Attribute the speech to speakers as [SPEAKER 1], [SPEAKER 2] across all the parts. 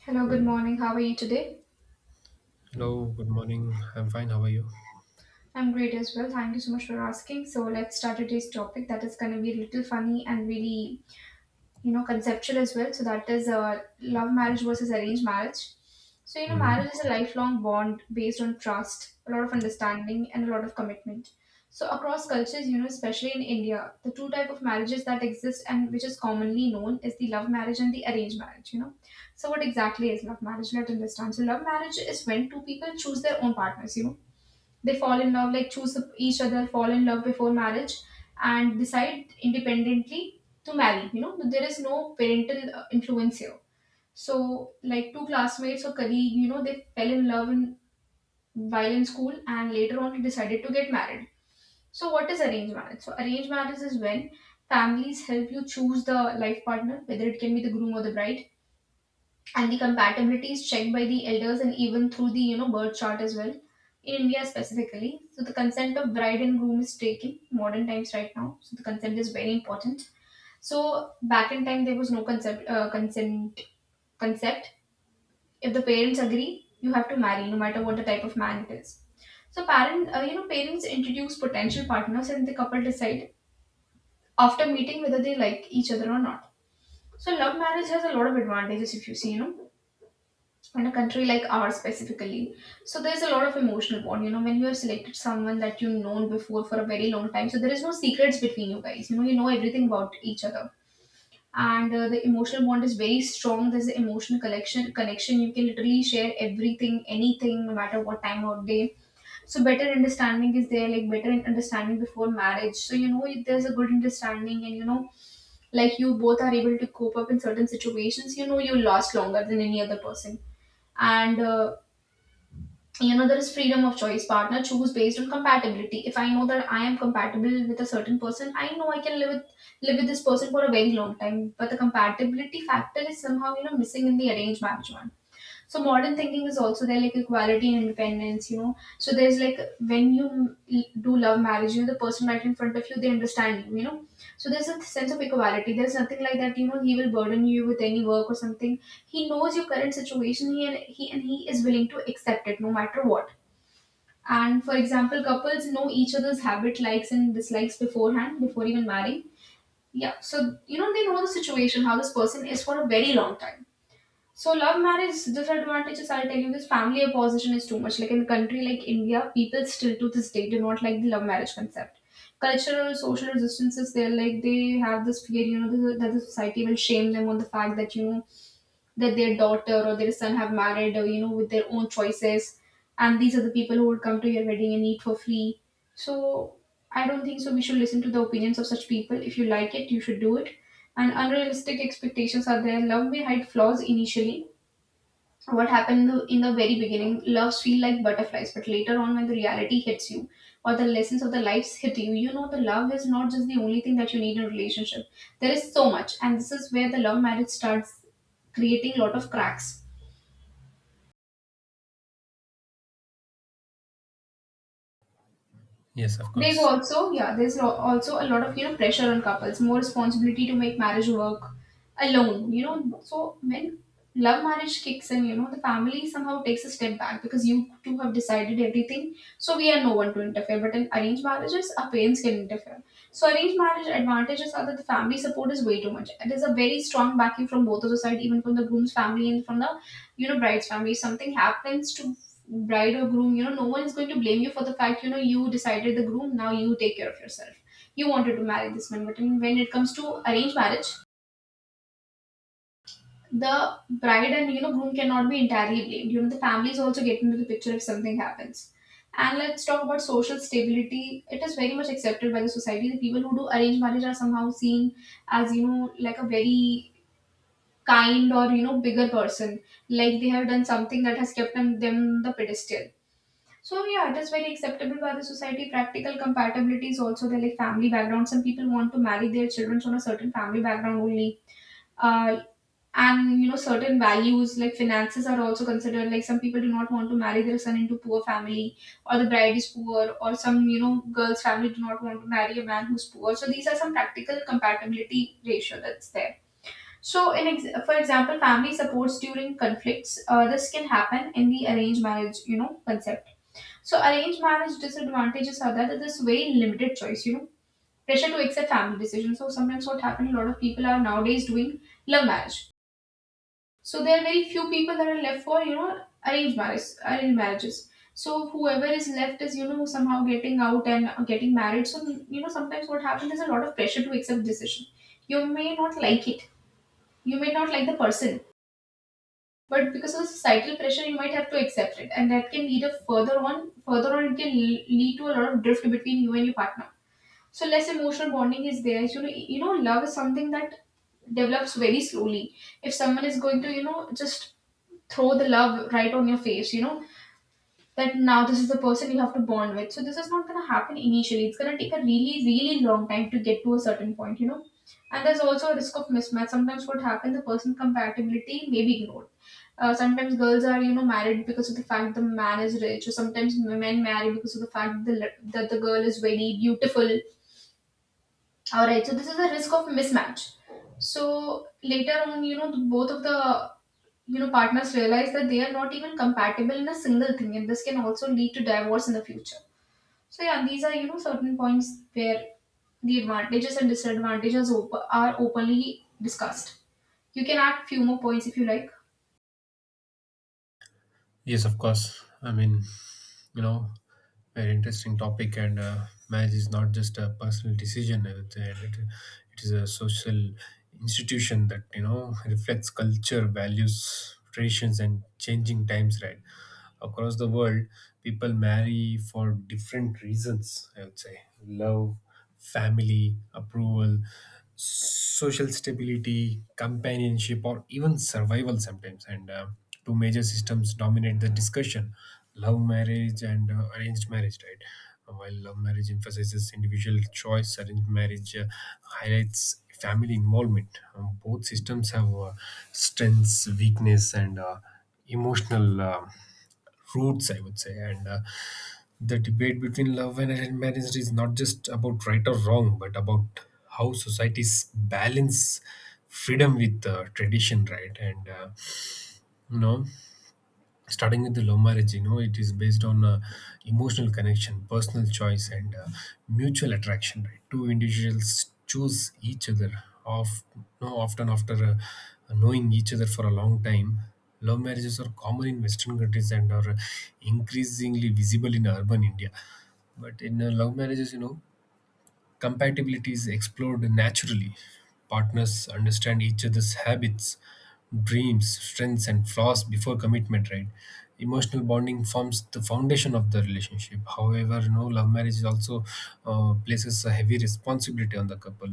[SPEAKER 1] Hello, good morning. How are you today?
[SPEAKER 2] Hello, good morning. I'm fine. How are you?
[SPEAKER 1] I'm great as well. Thank you so much for asking. So let's start today's topic that is going to be a little funny and really, conceptual as well. So that is love marriage versus arranged marriage. So you know,
[SPEAKER 2] Hmm.
[SPEAKER 1] marriage is a lifelong bond based on trust, a lot of understanding, and a lot of commitment. So across cultures, you know, especially in India, the two type of marriages that exist and which is commonly known is the love marriage and the arranged marriage. You know, so what exactly is love marriage? Let's understand. So love marriage is when two people choose their own partners. You know, they fall in love, like choose each other, fall in love before marriage, and decide independently to marry. You know, there is no parental influence here. So, like two classmates or colleague, you know, they fell in love in while in school and later on decided to get married. So, what is arranged marriage? So, arranged marriage is when families help you choose the life partner, whether it can be the groom or the bride, and the compatibility is checked by the elders and even through the, you know, birth chart as well in India specifically. So the consent of bride and groom is taken modern times right now, so the consent is very important. So back in time there was no concept consent concept. If the parents agree, you have to marry no matter what the type of man it is. So parent you know, parents introduce potential partners, and the couple decide after meeting whether they like each other or not. So love marriage has a lot of advantages, if you see, you know, in a country like ours specifically. So there's a lot of emotional bond, you know, when you have selected someone that you've known before for a very long time, so there is no secrets between you guys, you know, you know everything about each other. And the emotional bond is very strong. There's an emotional collection connection. You can literally share everything, anything, no matter what time or day. So better understanding is there, like better understanding before marriage. So you know, if there's a good understanding, and you know, like you both are able to cope up in certain situations, you know, you last longer than any other person. And you know, there is freedom of choice, partner choose based on compatibility. If I know that I am compatible with a certain person, I know I can live with this person for a very long time, but the compatibility factor is somehow, you know, missing in the arranged marriage one. So modern thinking is also there, like equality and independence, you know. So there's like when you do love marriage, you know, the person right in front of you, they understand you, you know. So there's a sense of equality. There's nothing like that, you know. He will burden you with any work or something. He knows your current situation. He is willing to accept it, no matter what. And for example, couples know each other's habit, likes and dislikes beforehand, before even marrying. Yeah. So you know, they know the situation, how this person is for a very long time. So love marriage disadvantages, I'll tell you this, family opposition is too much. Like in a country like India, people still to this day do not like the love marriage concept. Cultural, social resistances, they're like, they have this fear, you know, that the society will shame them on the fact that, you know, that their daughter or their son have married, you know, with their own choices. And these are the people who would come to your wedding and eat for free. So I don't think so. We should listen to the opinions of such people. If you like it, you should do it. And unrealistic expectations are there. Love may hide flaws initially. What happened in the very beginning, loves feel like butterflies, but later on, when the reality hits you or the lessons of the lives hit you, you know, the love is not just the only thing that you need in a relationship. There is so much, and this is where the love marriage starts creating lot of cracks.
[SPEAKER 2] Yes, of
[SPEAKER 1] There's
[SPEAKER 2] course.
[SPEAKER 1] also, yeah, also a lot of, you know, pressure on couples, more responsibility to make marriage work alone, you know. So when love marriage kicks in, you know, the family somehow takes a step back because you two have decided everything, so we are no one to interfere. But in arranged marriages, our parents can interfere. So arranged marriage advantages are that the family support is way too much. There's a very strong backing from both of the side, even from the groom's family and from the, you know, bride's family. If something happens to bride or groom, you know, no one is going to blame you for the fact, you know, you decided the groom, now you take care of yourself. You wanted to marry this man. When it comes to arranged marriage, the bride and, you know, groom cannot be entirely blamed. You know, the families also get into the picture if something happens. And let's talk about social stability. It is very much accepted by the society. The people who do arranged marriage are somehow seen as, you know, like a very kind or, you know, bigger person, like they have done something that has kept them, them the pedestal. So yeah, it is very acceptable by the society. Practical compatibility is also there, like family background. Some people want to marry their children from a certain family background only. Uh, and you know, certain values like finances are also considered. Like some people do not want to marry their son into poor family, or the bride is poor, or some, you know, girl's family do not want to marry a man who's poor. So these are some practical compatibility ratio that's there. For example, family supports during conflicts. This can happen in the arranged marriage, you know, concept. So arranged marriage disadvantages are that there's very limited choice, you know. Pressure to accept family decisions. So sometimes what happens, a lot of people are nowadays doing love marriage. So there are very few people that are left for, you know, arranged marriages. So whoever is left is, you know, somehow getting out and getting married. So you know, sometimes what happens is a lot of pressure to accept decision. You may not like it. You may not like the person, but because of the societal pressure you might have to accept it, and that can lead a further one further on. Lead to a lot of drift between you and your partner. So less emotional bonding is there. So, you know, you know love is something that develops very slowly. If someone is going to, you know, just throw the love right on your face, you know, that now this is the person you have to bond with, so this is not going to happen initially. It's going to take a really, really long time to get to a certain point, you know. And there's also a risk of mismatch. Sometimes what happens, the person compatibility may be ignored. Uh, sometimes girls are, you know, married because of the fact the man is rich, or sometimes men marry because of the fact that the girl is very beautiful. All right, so this is a risk of mismatch. So later on, you know, both of the, you know, partners realize that they are not even compatible in a single thing, and this can also lead to divorce in the future. So yeah, these are, you know, certain points where the advantages and are openly discussed. You can add few more points if you like.
[SPEAKER 2] Yes, of course. I mean, you know, very interesting topic, and marriage is not just a personal decision. I would say. It is a social institution that you know reflects culture, values, traditions, and changing times. Right? Across the world, people marry for different reasons, I would say. Love, family approval, social stability, companionship, or even survival sometimes. And two major systems dominate the discussion: love marriage and arranged marriage, right? While love marriage emphasizes individual choice, arranged marriage highlights family involvement. Both systems have strengths, weakness, and emotional roots, I would say. And the debate between love and arranged marriage is not just about right or wrong, but about how societies balance freedom with tradition, right? And you know, starting with the love marriage, you know, it is based on emotional connection, personal choice, and mutual attraction, right? Two individuals choose each other of no, often after knowing each other for a long time. Love marriages are common in western countries and are increasingly visible in urban India, but in love marriages, you know, compatibility is explored naturally. Partners understand each other's habits, dreams, strengths, and flaws before commitment, right? Emotional bonding forms the foundation of the relationship. However, no, love marriage also places a heavy responsibility on the couple.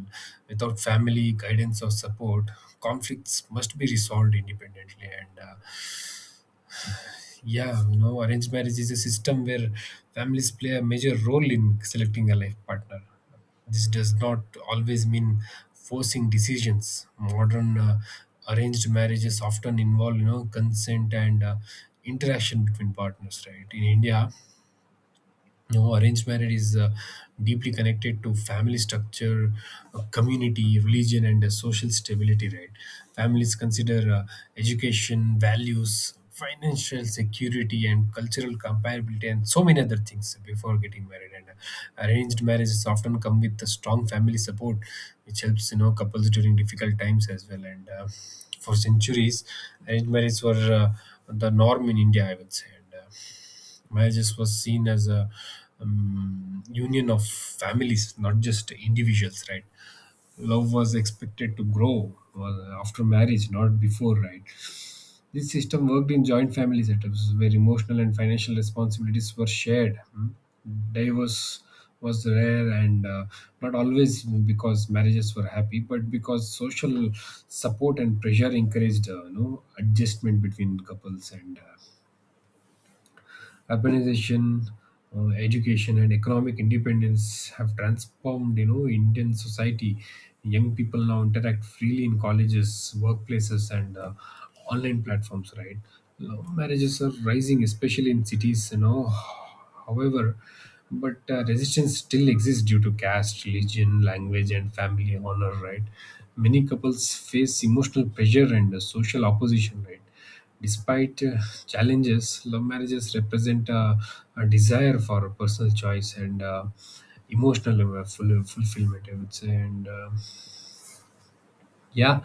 [SPEAKER 2] Without family guidance or support, conflicts must be resolved independently. And yeah, you know, arranged marriage is a system where families play a major role in selecting a life partner. This does not always mean forcing decisions. Modern arranged marriages often involve, you know, consent and interaction between partners, right? In India, no, arranged marriage is deeply connected to family structure, community, religion, and social stability, right? Families consider education, values, financial security, and cultural comparability, and so many other things before getting married. And arranged marriages often come with a strong family support, which helps you know couples during difficult times as well. And for centuries, arranged marriages were the norm in India, I would say. And marriages was seen as a union of families, not just individuals, right? Love was expected to grow after marriage, not before, right? This system worked in joint family setups where emotional and financial responsibilities were shared. Hmm. Divorce was rare, and not always because marriages were happy, but because social support and pressure encouraged you know adjustment between couples. And urbanization, education, and economic independence have transformed you know Indian society. Young people now interact freely in colleges, workplaces, and online platforms. Right, love marriages are rising, especially in cities. You know, however. But resistance still exists due to caste, religion, language, and family honor, right? Many couples face emotional pressure and social opposition, right? Despite challenges, love marriages represent a desire for personal choice and emotional fulfillment, I would say. And yeah,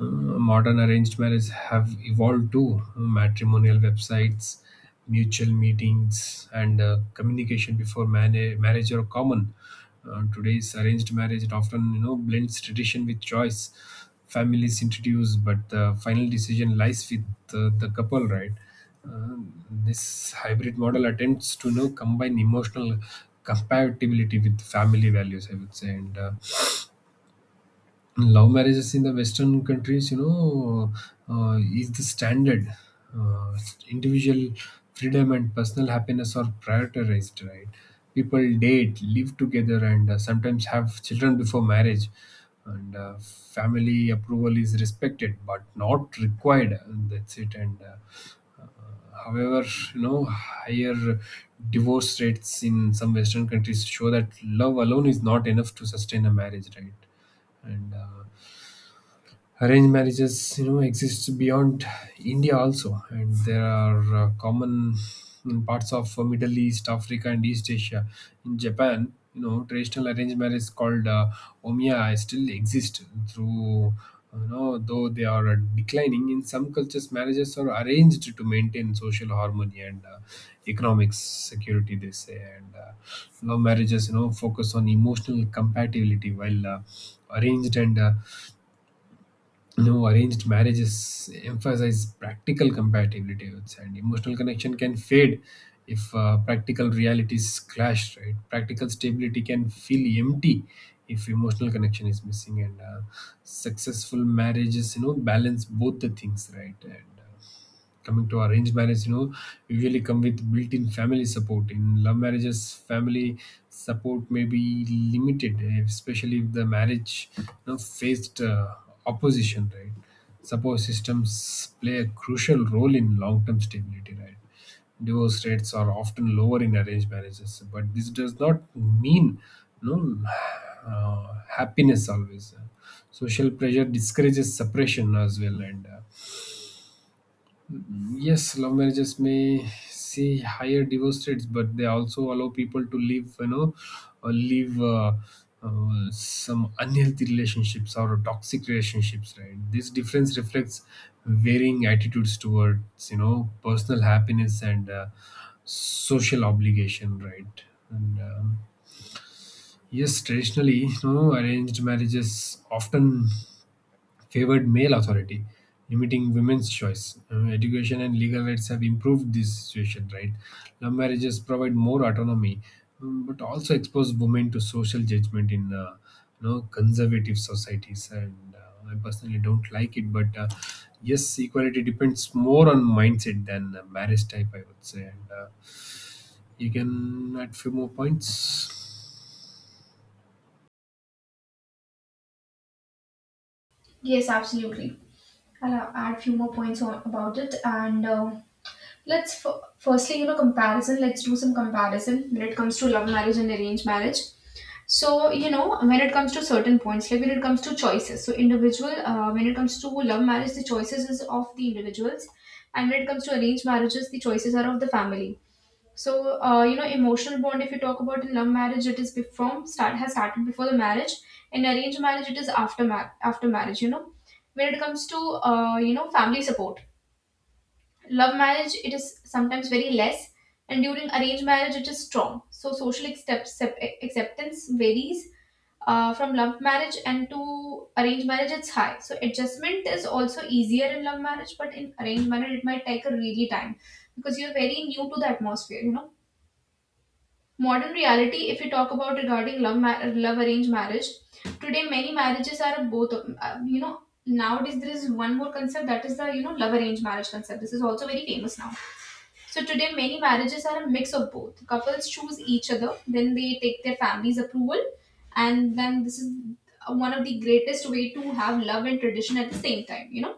[SPEAKER 2] modern arranged marriage have evolved too. Matrimonial websites, mutual meetings, and communication before marriage are common. Today's arranged marriage, it often you know blends tradition with choice. Families introduce, but the final decision lies with the couple, right? Uh, this hybrid model attempts to you know combine emotional compatibility with family values, I would say. And love marriages in the western countries, you know, is the standard. uh, Individual freedom and personal happiness are prioritized, right? People date, live together, and sometimes have children before marriage. And family approval is respected but not required, and that's it. And however, you know, higher divorce rates in some western countries show that love alone is not enough to sustain a marriage, right? And arranged marriages you know exist beyond India also, and there are common in parts of Middle East, Africa, and East Asia. In Japan, you know, traditional arranged marriage called omiya still exist, through you know though they are declining. In some cultures marriages are arranged to maintain social harmony and economic security, they say. And love marriages, you know, focus on emotional compatibility, while arranged and no, arranged marriages emphasize practical compatibility, I would say. And emotional connection can fade if practical realities clash, right? Practical stability can feel empty if emotional connection is missing. And successful marriages, you know, balance both the things, right? And coming to arranged marriage, you know, usually come with built-in family support. In love marriages, family support may be limited, especially if the marriage, you know, faced opposition, right? Support systems play a crucial role in long-term stability, right? Divorce rates are often lower in arranged marriages, but this does not mean no happiness always. Social pressure discourages separation as well. And yes, love marriages may see higher divorce rates, but they also allow people to live, you know, or live some unhealthy relationships or toxic relationships, right? This difference reflects varying attitudes towards, you know, personal happiness and social obligation, right? And yes, traditionally, you know, arranged marriages often favored male authority, limiting women's choice. Education and legal rights have improved this situation, right? Love marriages provide more autonomy, but also expose women to social judgment in you know conservative societies. And I personally don't like it, but yes, equality depends more on mindset than marriage type, I would say. And you can add few more points.
[SPEAKER 1] Yes, absolutely. I'll add few more points about it. And let's firstly, you know, comparison. Let's do some comparison when it comes to love marriage and arranged marriage. So, you know, when it comes to certain points, like when it comes to choices, so individual, when it comes to love marriage, the choices is of the individuals. And when it comes to arranged marriages, the choices are of the family. So, you know, emotional bond, if you talk about in love marriage, it is before start has started before the marriage. In arranged marriage, it is after after marriage. You know, when it comes to you know family support, love marriage it is sometimes very less, and during arranged marriage it is strong. So social acceptance varies from love marriage and to arranged marriage it's high. So adjustment is also easier in love marriage, but in arranged marriage it might take a really time because you're very new to the atmosphere. You know. Modern reality, if we talk about regarding love, love arranged marriage, today many marriages are both, nowadays there is one more concept that is love arranged marriage concept. This is also very famous now. So today many marriages are a mix of both. Couples choose each other, then they take their family's approval, and then this is one of the greatest way to have love and tradition at the same time.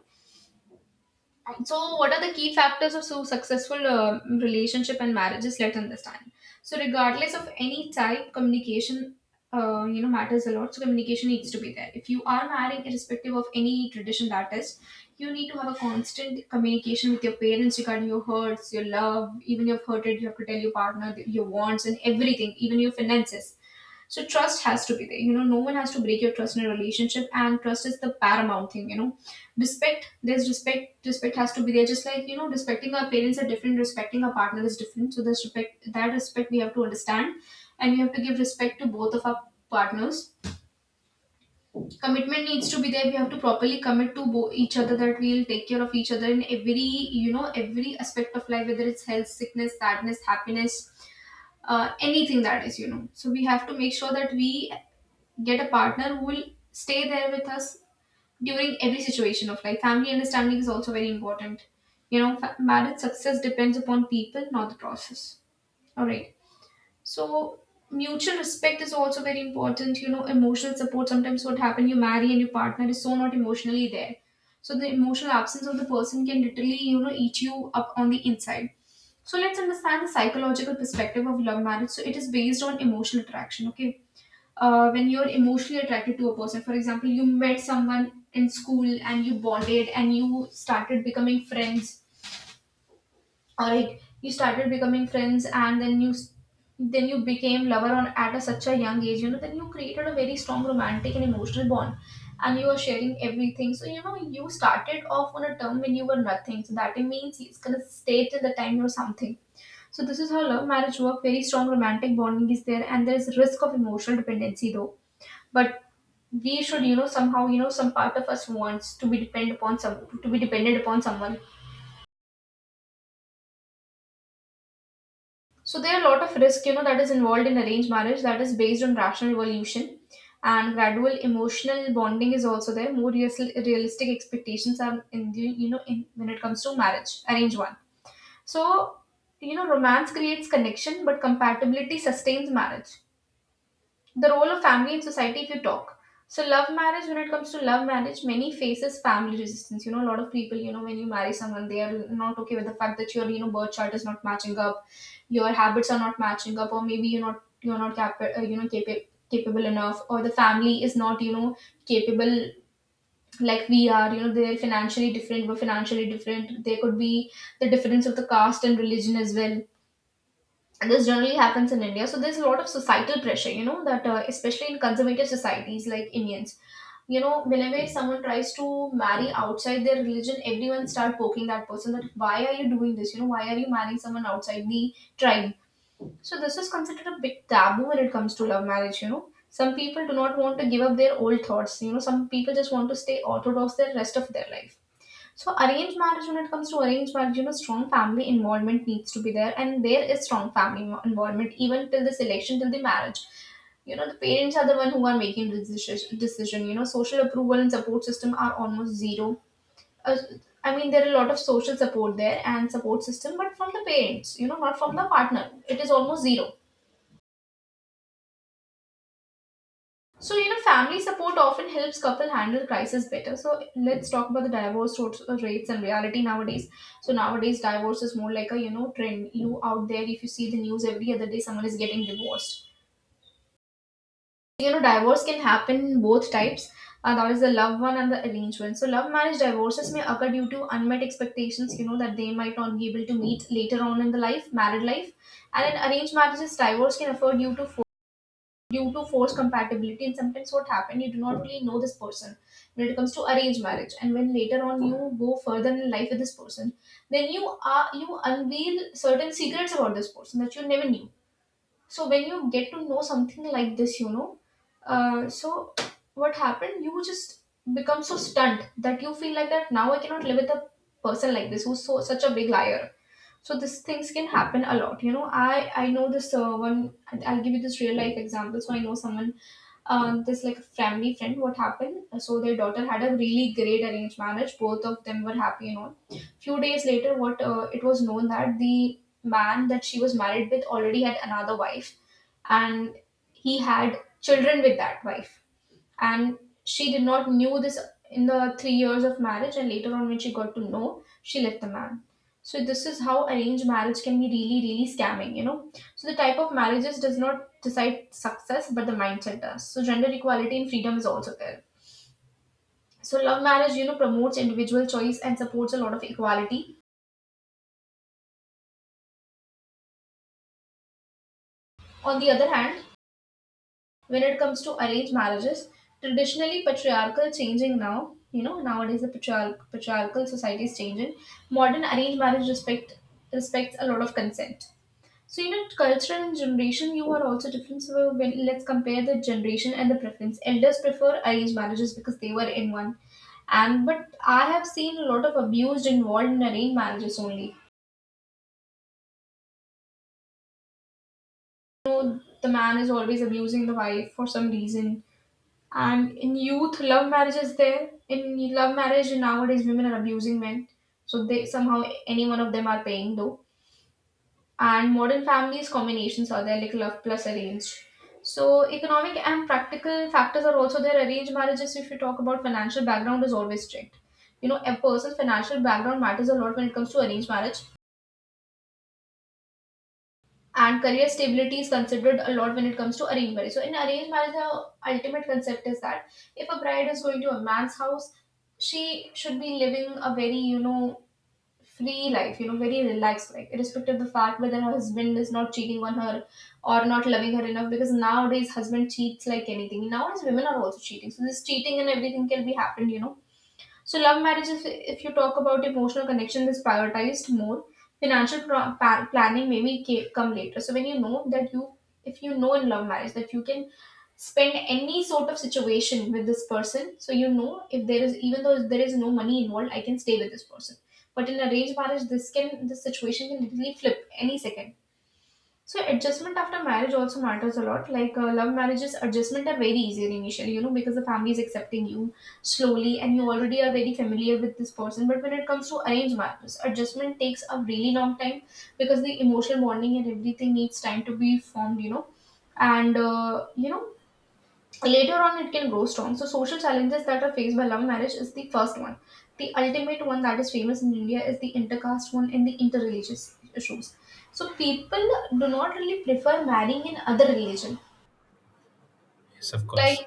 [SPEAKER 1] So, what are the key factors of so successful relationship and marriages? Let's understand. So, regardless of any type, communication matters a lot. So, communication needs to be there. If you are marrying, irrespective of any tradition that is, you need to have a constant communication with your parents regarding your hurts, your love, even you've hurted. You have to tell your partner your wants and everything, even your finances, so trust has to be there. You know, no one has to break your trust in a relationship, and trust is the paramount thing. You know, respect. There's respect. Respect has to be there. Just like, you know, respecting our parents are different. Respecting our partner is different. So there's respect. That respect we have to understand, and we have to give respect to both of our partners. Commitment needs to be there. We have to properly commit to each other that we'll take care of each other in every you know every aspect of life, whether it's health, sickness, sadness, happiness. Anything that is, you know. So we have to make sure that we get a partner who will stay there with us during every situation of life. Family understanding is also very important. You know, marriage success depends upon people, not the process. All right. So, mutual respect is also very important. You know, emotional support, sometimes what happen, you marry and your partner is so not emotionally there. So, the emotional absence of the person can literally, you know, eat you up on the inside. So, let's understand the psychological perspective of love marriage. So, it is based on emotional attraction. Okay. When you're emotionally attracted to a person, for example, you met someone in school and you bonded and you started becoming friends. All right, you started becoming friends, and then you became lover on at a, such a young age. You know, then you created a very strong romantic and emotional bond, and you are sharing everything. So you know, you started off on a term when you were nothing. So that means it's gonna stay till the time you're something. So this is how love marriage work. Very strong romantic bonding is there, and there is risk of emotional dependency though. But we should, you know, somehow, you know, some part of us wants to be dependent upon someone. So there are a lot of risk, you know, that is involved in arranged marriage that is based on rational evolution and gradual emotional bonding is also there. More realistic expectations are in when it comes to marriage, arranged one. So, you know, romance creates connection, but compatibility sustains marriage. The role of family in society, if you talk, so love marriage, when it comes to love marriage, many faces family resistance. You know, a lot of people, you know, when you marry someone, they are not okay with the fact that your, you know, birth chart is not matching up, your habits are not matching up, or maybe you're not capable enough, or the family is not, you know, capable, like we are. You know, they're financially different, we're financially different. There could be the difference of the caste and religion as well, and this generally happens in India. So there's a lot of societal pressure, you know, that especially in conservative societies like Indians, you know, whenever someone tries to marry outside their religion, everyone start poking that person that why are you doing this? You know, why are you marrying someone outside the tribe? So this is considered a big taboo when it comes to love marriage. You know, some people do not want to give up their old thoughts. You know, some people just want to stay orthodox the rest of their life. So arranged marriage, when it comes to arranged marriage, you know, strong family involvement needs to be there, and there is strong family involvement even till the selection, till the marriage. You know, the parents are the one who are making the decision. You know, social approval and support system are almost zero. Uh, I mean, there are a lot of social support there and support system, but from the parents, you know, not from the partner. It is almost zero. So, you know, family support often helps couple handle crisis better. So, let's talk about the divorce rates and reality nowadays. So, nowadays divorce is more like a, you know, trend. You out there, if you see the news every other day, someone is getting divorced. You know, divorce can happen both types. That is the love one and the arranged one. So, love marriage divorces may occur due to unmet expectations, you know, that they might not be able to meet later on in the life, married life. And in arranged marriages, divorce can occur due to forced compatibility, and sometimes what happen, you do not really know this person when it comes to arranged marriage, and when later on you go further in life with this person, then you are, you unveil certain secrets about this person that you never knew. So when you get to know something like this, you know, so what happened, you just become so stunned that you feel like that now I cannot live with a person like this, who's so such a big liar. So these things can happen a lot, you know. I know this, one. I'll give you this real life example. So I know someone, this like family friend. What happened, so their daughter had a really great arranged marriage, both of them were happy and all. Few days later, what, it was known that the man that she was married with already had another wife, and he had children with that wife, and she did not knew this in the 3 years of marriage, and later on when she got to know, she left the man. So this is how arranged marriage can be really really scamming, you know. So the type of marriages does not decide success, but the mindset does. So gender equality and freedom is also there. So love marriage, you know, promotes individual choice and supports a lot of equality. On the other hand, when it comes to arranged marriages, traditionally patriarchal, changing now. You know, nowadays the patriarchal society is changing. Modern arranged marriage respects a lot of consent. So you know, culture and generation you are also different. So when, let's compare the generation and the preference, elders prefer arranged marriages because they were in one. And but I have seen a lot of abuse involved in arranged marriages only. You know, the man is always abusing the wife for some reason. And in youth, love marriage is there. In love marriage nowadays, women are abusing men. So they somehow, any one of them are paying though. And modern families combinations are there, like love plus arranged. So economic and practical factors are also there. Arranged marriages, if you talk about, financial background is always strict. You know, a person's financial background matters a lot when it comes to arranged marriage, and career stability is considered a lot when it comes to arranged marriage. So in arranged marriage, the ultimate concept is that if a bride is going to a man's house, she should be living a very, you know, free life, you know, very relaxed life, irrespective of the fact whether her husband is not cheating on her or not loving her enough. Because nowadays husband cheats like anything. Nowadays women are also cheating, so this cheating and everything can be happened, you know. So, love marriage marriages, if you talk about emotional connection, is prioritized more. Financial planning maybe come later. So, when you know that you, if you know in love marriage that you can spend any sort of situation with this person, so you know if there is, even though there is no money involved, I can stay with this person. But in arranged marriage, this situation can literally flip any second. So adjustment after marriage also matters a lot. Like love marriages, adjustment are very easier initially, you know, because the family is accepting you slowly, and you already are very familiar with this person. But when it comes to arranged marriages, adjustment takes a really long time because the emotional bonding and everything needs time to be formed, you know. And you know, later on it can grow strong. So social challenges that are faced by love marriage is the first one, the ultimate one that is famous in India, is the intercaste one and the interreligious issues. So people do not really prefer marrying in other religion.
[SPEAKER 2] Yes, of
[SPEAKER 1] Like,
[SPEAKER 2] course.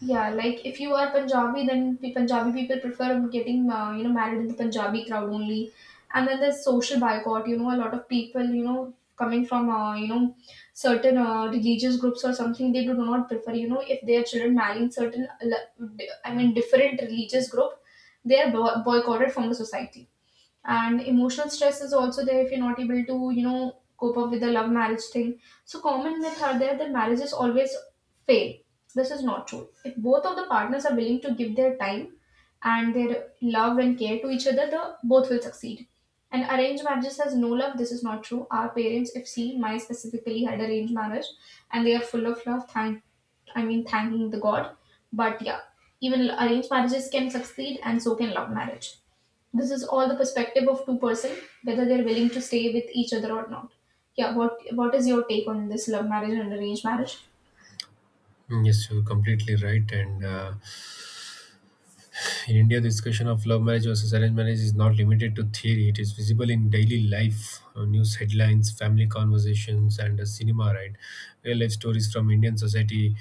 [SPEAKER 1] yeah, like if you are Punjabi, then Punjabi people prefer getting, married in the Punjabi crowd only, and then there's social boycott. You know, a lot of people, you know, coming from certain religious groups or something, they do not prefer. You know, if their children marry in l- I mean, different religious group, they are boycotted from the society. And emotional stress is also there if you're not able to, you know, cope up with the love marriage thing. So common myths are there, that marriages always fail. This is not true. If both of the partners are willing to give their time and their love and care to each other, the both will succeed. And arranged marriages has no love. This is not true. Our parents, if seen, my specifically had arranged marriage, and they are full of love. I mean, thanking the God. But yeah, even arranged marriages can succeed, and so can love marriage. This is all the perspective of two-person, whether they're willing to stay with each other or not. Yeah, what is your take on this love marriage and arranged marriage?
[SPEAKER 2] Mm, yes, you're completely right. And in India, the discussion of love marriage versus arranged marriage is not limited to theory. It is visible in daily life, news headlines, family conversations, and cinema, right? Real life stories from Indian society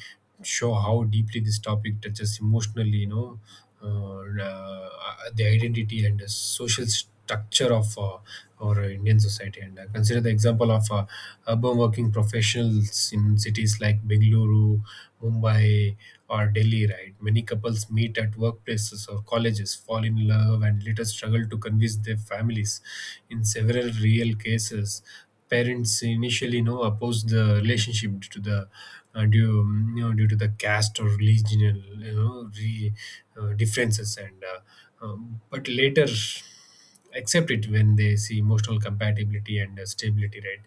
[SPEAKER 2] show how deeply this topic touches emotionally, you know, uh, and, uh, the identity and the social structure of our Indian society. And consider the example of urban working professionals in cities like Bengaluru, Mumbai, or Delhi, right? Many couples meet at workplaces or colleges, fall in love, and later struggle to convince their families. In several real cases, parents initially you know oppose the relationship due to the due you know due to the caste or regional you know re, differences. And but later accept it when they see emotional compatibility and stability, right?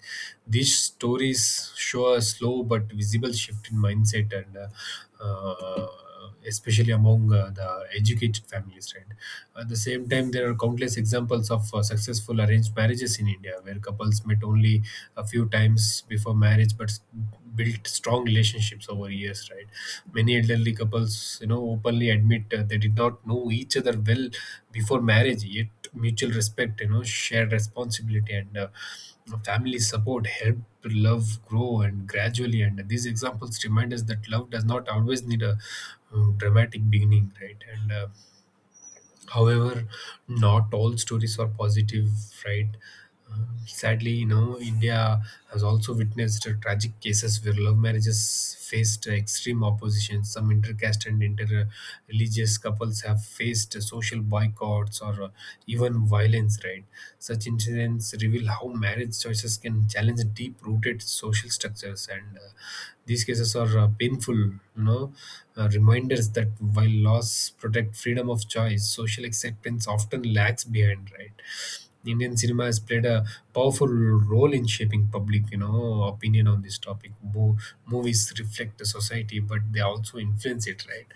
[SPEAKER 2] These stories show a slow but visible shift in mindset. And uh, especially among the educated families, right? At the same time, there are countless examples of successful arranged marriages in India where couples met only a few times before marriage but built strong relationships over years, right? Many elderly couples, you know, openly admit they did not know each other well before marriage. Yet mutual respect, you know, shared responsibility, and family support helped love grow and gradually. And these examples remind us that love does not always need a dramatic beginning, right? And however, not all stories are positive, right? Sadly, you know, India has also witnessed tragic cases where love marriages faced extreme opposition. Some intercaste and inter-religious couples have faced social boycotts or even violence, right? Such incidents reveal how marriage choices can challenge deep-rooted social structures. And these cases are painful, you know, reminders that while laws protect freedom of choice, social acceptance often lags behind, right? Indian cinema has played a powerful role in shaping public, you know, opinion on this topic. Movies reflect the society, but they also influence it, right?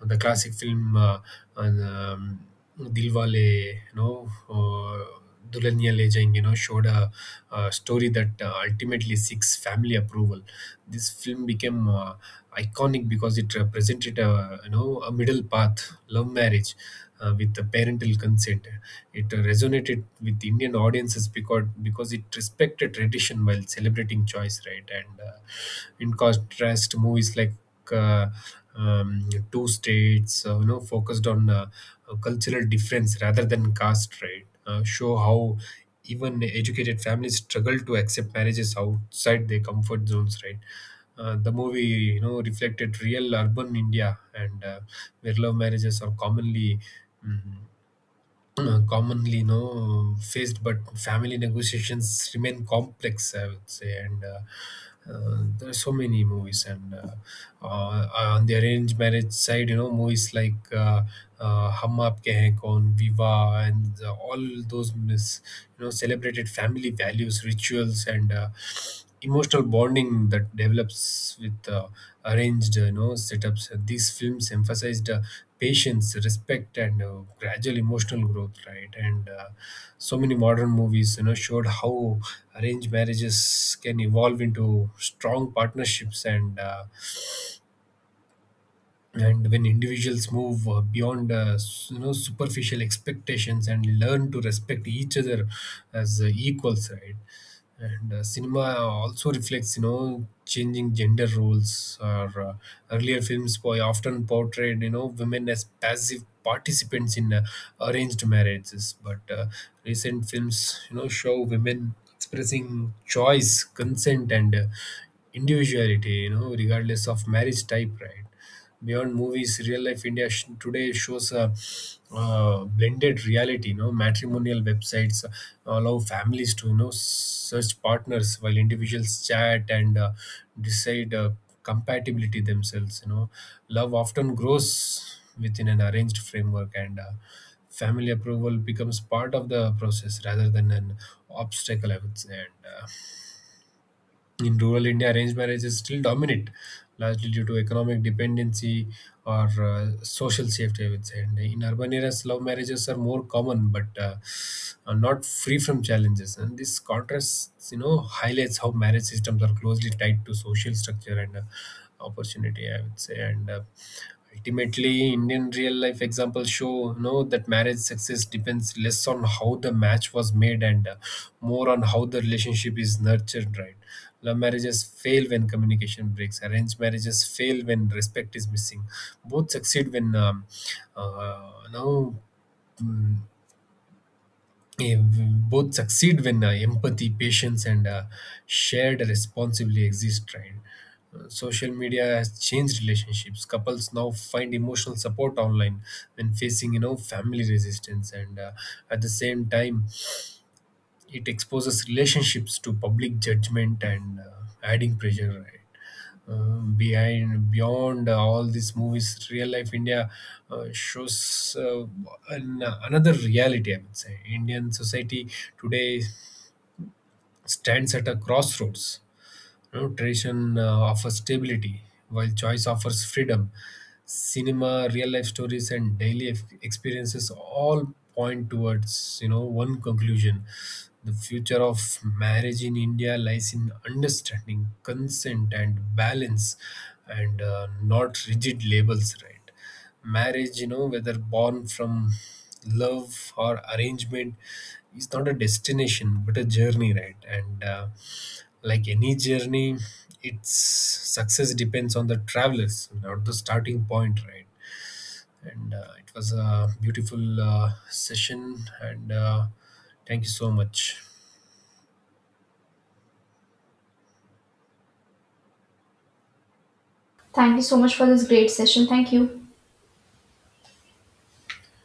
[SPEAKER 2] The classic film and, um, Dilwale, you know, Dulhania Le Jayenge, you know, showed a story that ultimately seeks family approval. This film became iconic because it represented a you know a middle path, love marriage, with the parental consent. It resonated with Indian audiences because it respected tradition while celebrating choice, right? And in contrast, movies like uh, Two States, you know, focused on cultural difference rather than caste, right? Show how even educated families struggle to accept marriages outside their comfort zones, right? The movie, you know, reflected real urban India. And where love marriages are mm, commonly you know faced, but family negotiations remain complex, I would say. And there are so many movies. And uh, uh, on the arranged marriage side, you know, movies like Hum Aapke Hain Kaun, Viva, and all those you know celebrated family values, rituals, and emotional bonding that develops with arranged you know setups. These films emphasized patience, respect, and gradual emotional growth, right? And so many modern movies you know showed how arranged marriages can evolve into strong partnerships. And and when individuals move beyond you know superficial expectations and learn to respect each other as equals, right? And cinema also reflects you know changing gender roles. Or earlier films boy often portrayed you know women as passive participants in arranged marriages, but recent films you know show women expressing choice, consent, and individuality, you know, regardless of marriage type, right? Beyond movies, real life India today shows a blended reality, you know. Matrimonial websites allow families to you know search partners while individuals chat and decide compatibility themselves, you know. Love often grows within an arranged framework. And family approval becomes part of the process rather than an obstacle, I would say. And in rural India, arranged marriage is still dominant, largely due to economic dependency or social safety, I would say. And in urban areas, love marriages are more common, but are not free from challenges. And this contrast, you know, highlights how marriage systems are closely tied to social structure and opportunity, I would say. And ultimately, Indian real life examples show you know that marriage success depends less on how the match was made, and more on how the relationship is nurtured. Right? Love marriages fail when communication breaks. Arranged marriages fail when respect is missing. Both succeed when uh, you know, mm, both succeed when empathy, patience, and shared responsibility exist, right? Social media has changed relationships. Couples now find emotional support online when facing, you know, family resistance. And at the same time, it exposes relationships to public judgment and adding pressure, right? Behind Beyond all these movies, real life India shows another reality, I would say. Indian society today stands at a crossroads, you know. Tradition offers stability, while choice offers freedom. Cinema, real life stories, and daily experiences all point towards you know one conclusion: the future of marriage in India lies in understanding, consent, and balance, and not rigid labels. Right? Marriage, you know, whether born from love or arrangement, is not a destination but a journey, right? And like any journey, its success depends on the travelers, not the starting point, right? And it was a beautiful session. And thank you so much.
[SPEAKER 1] Thank you so much for this great session. Thank you.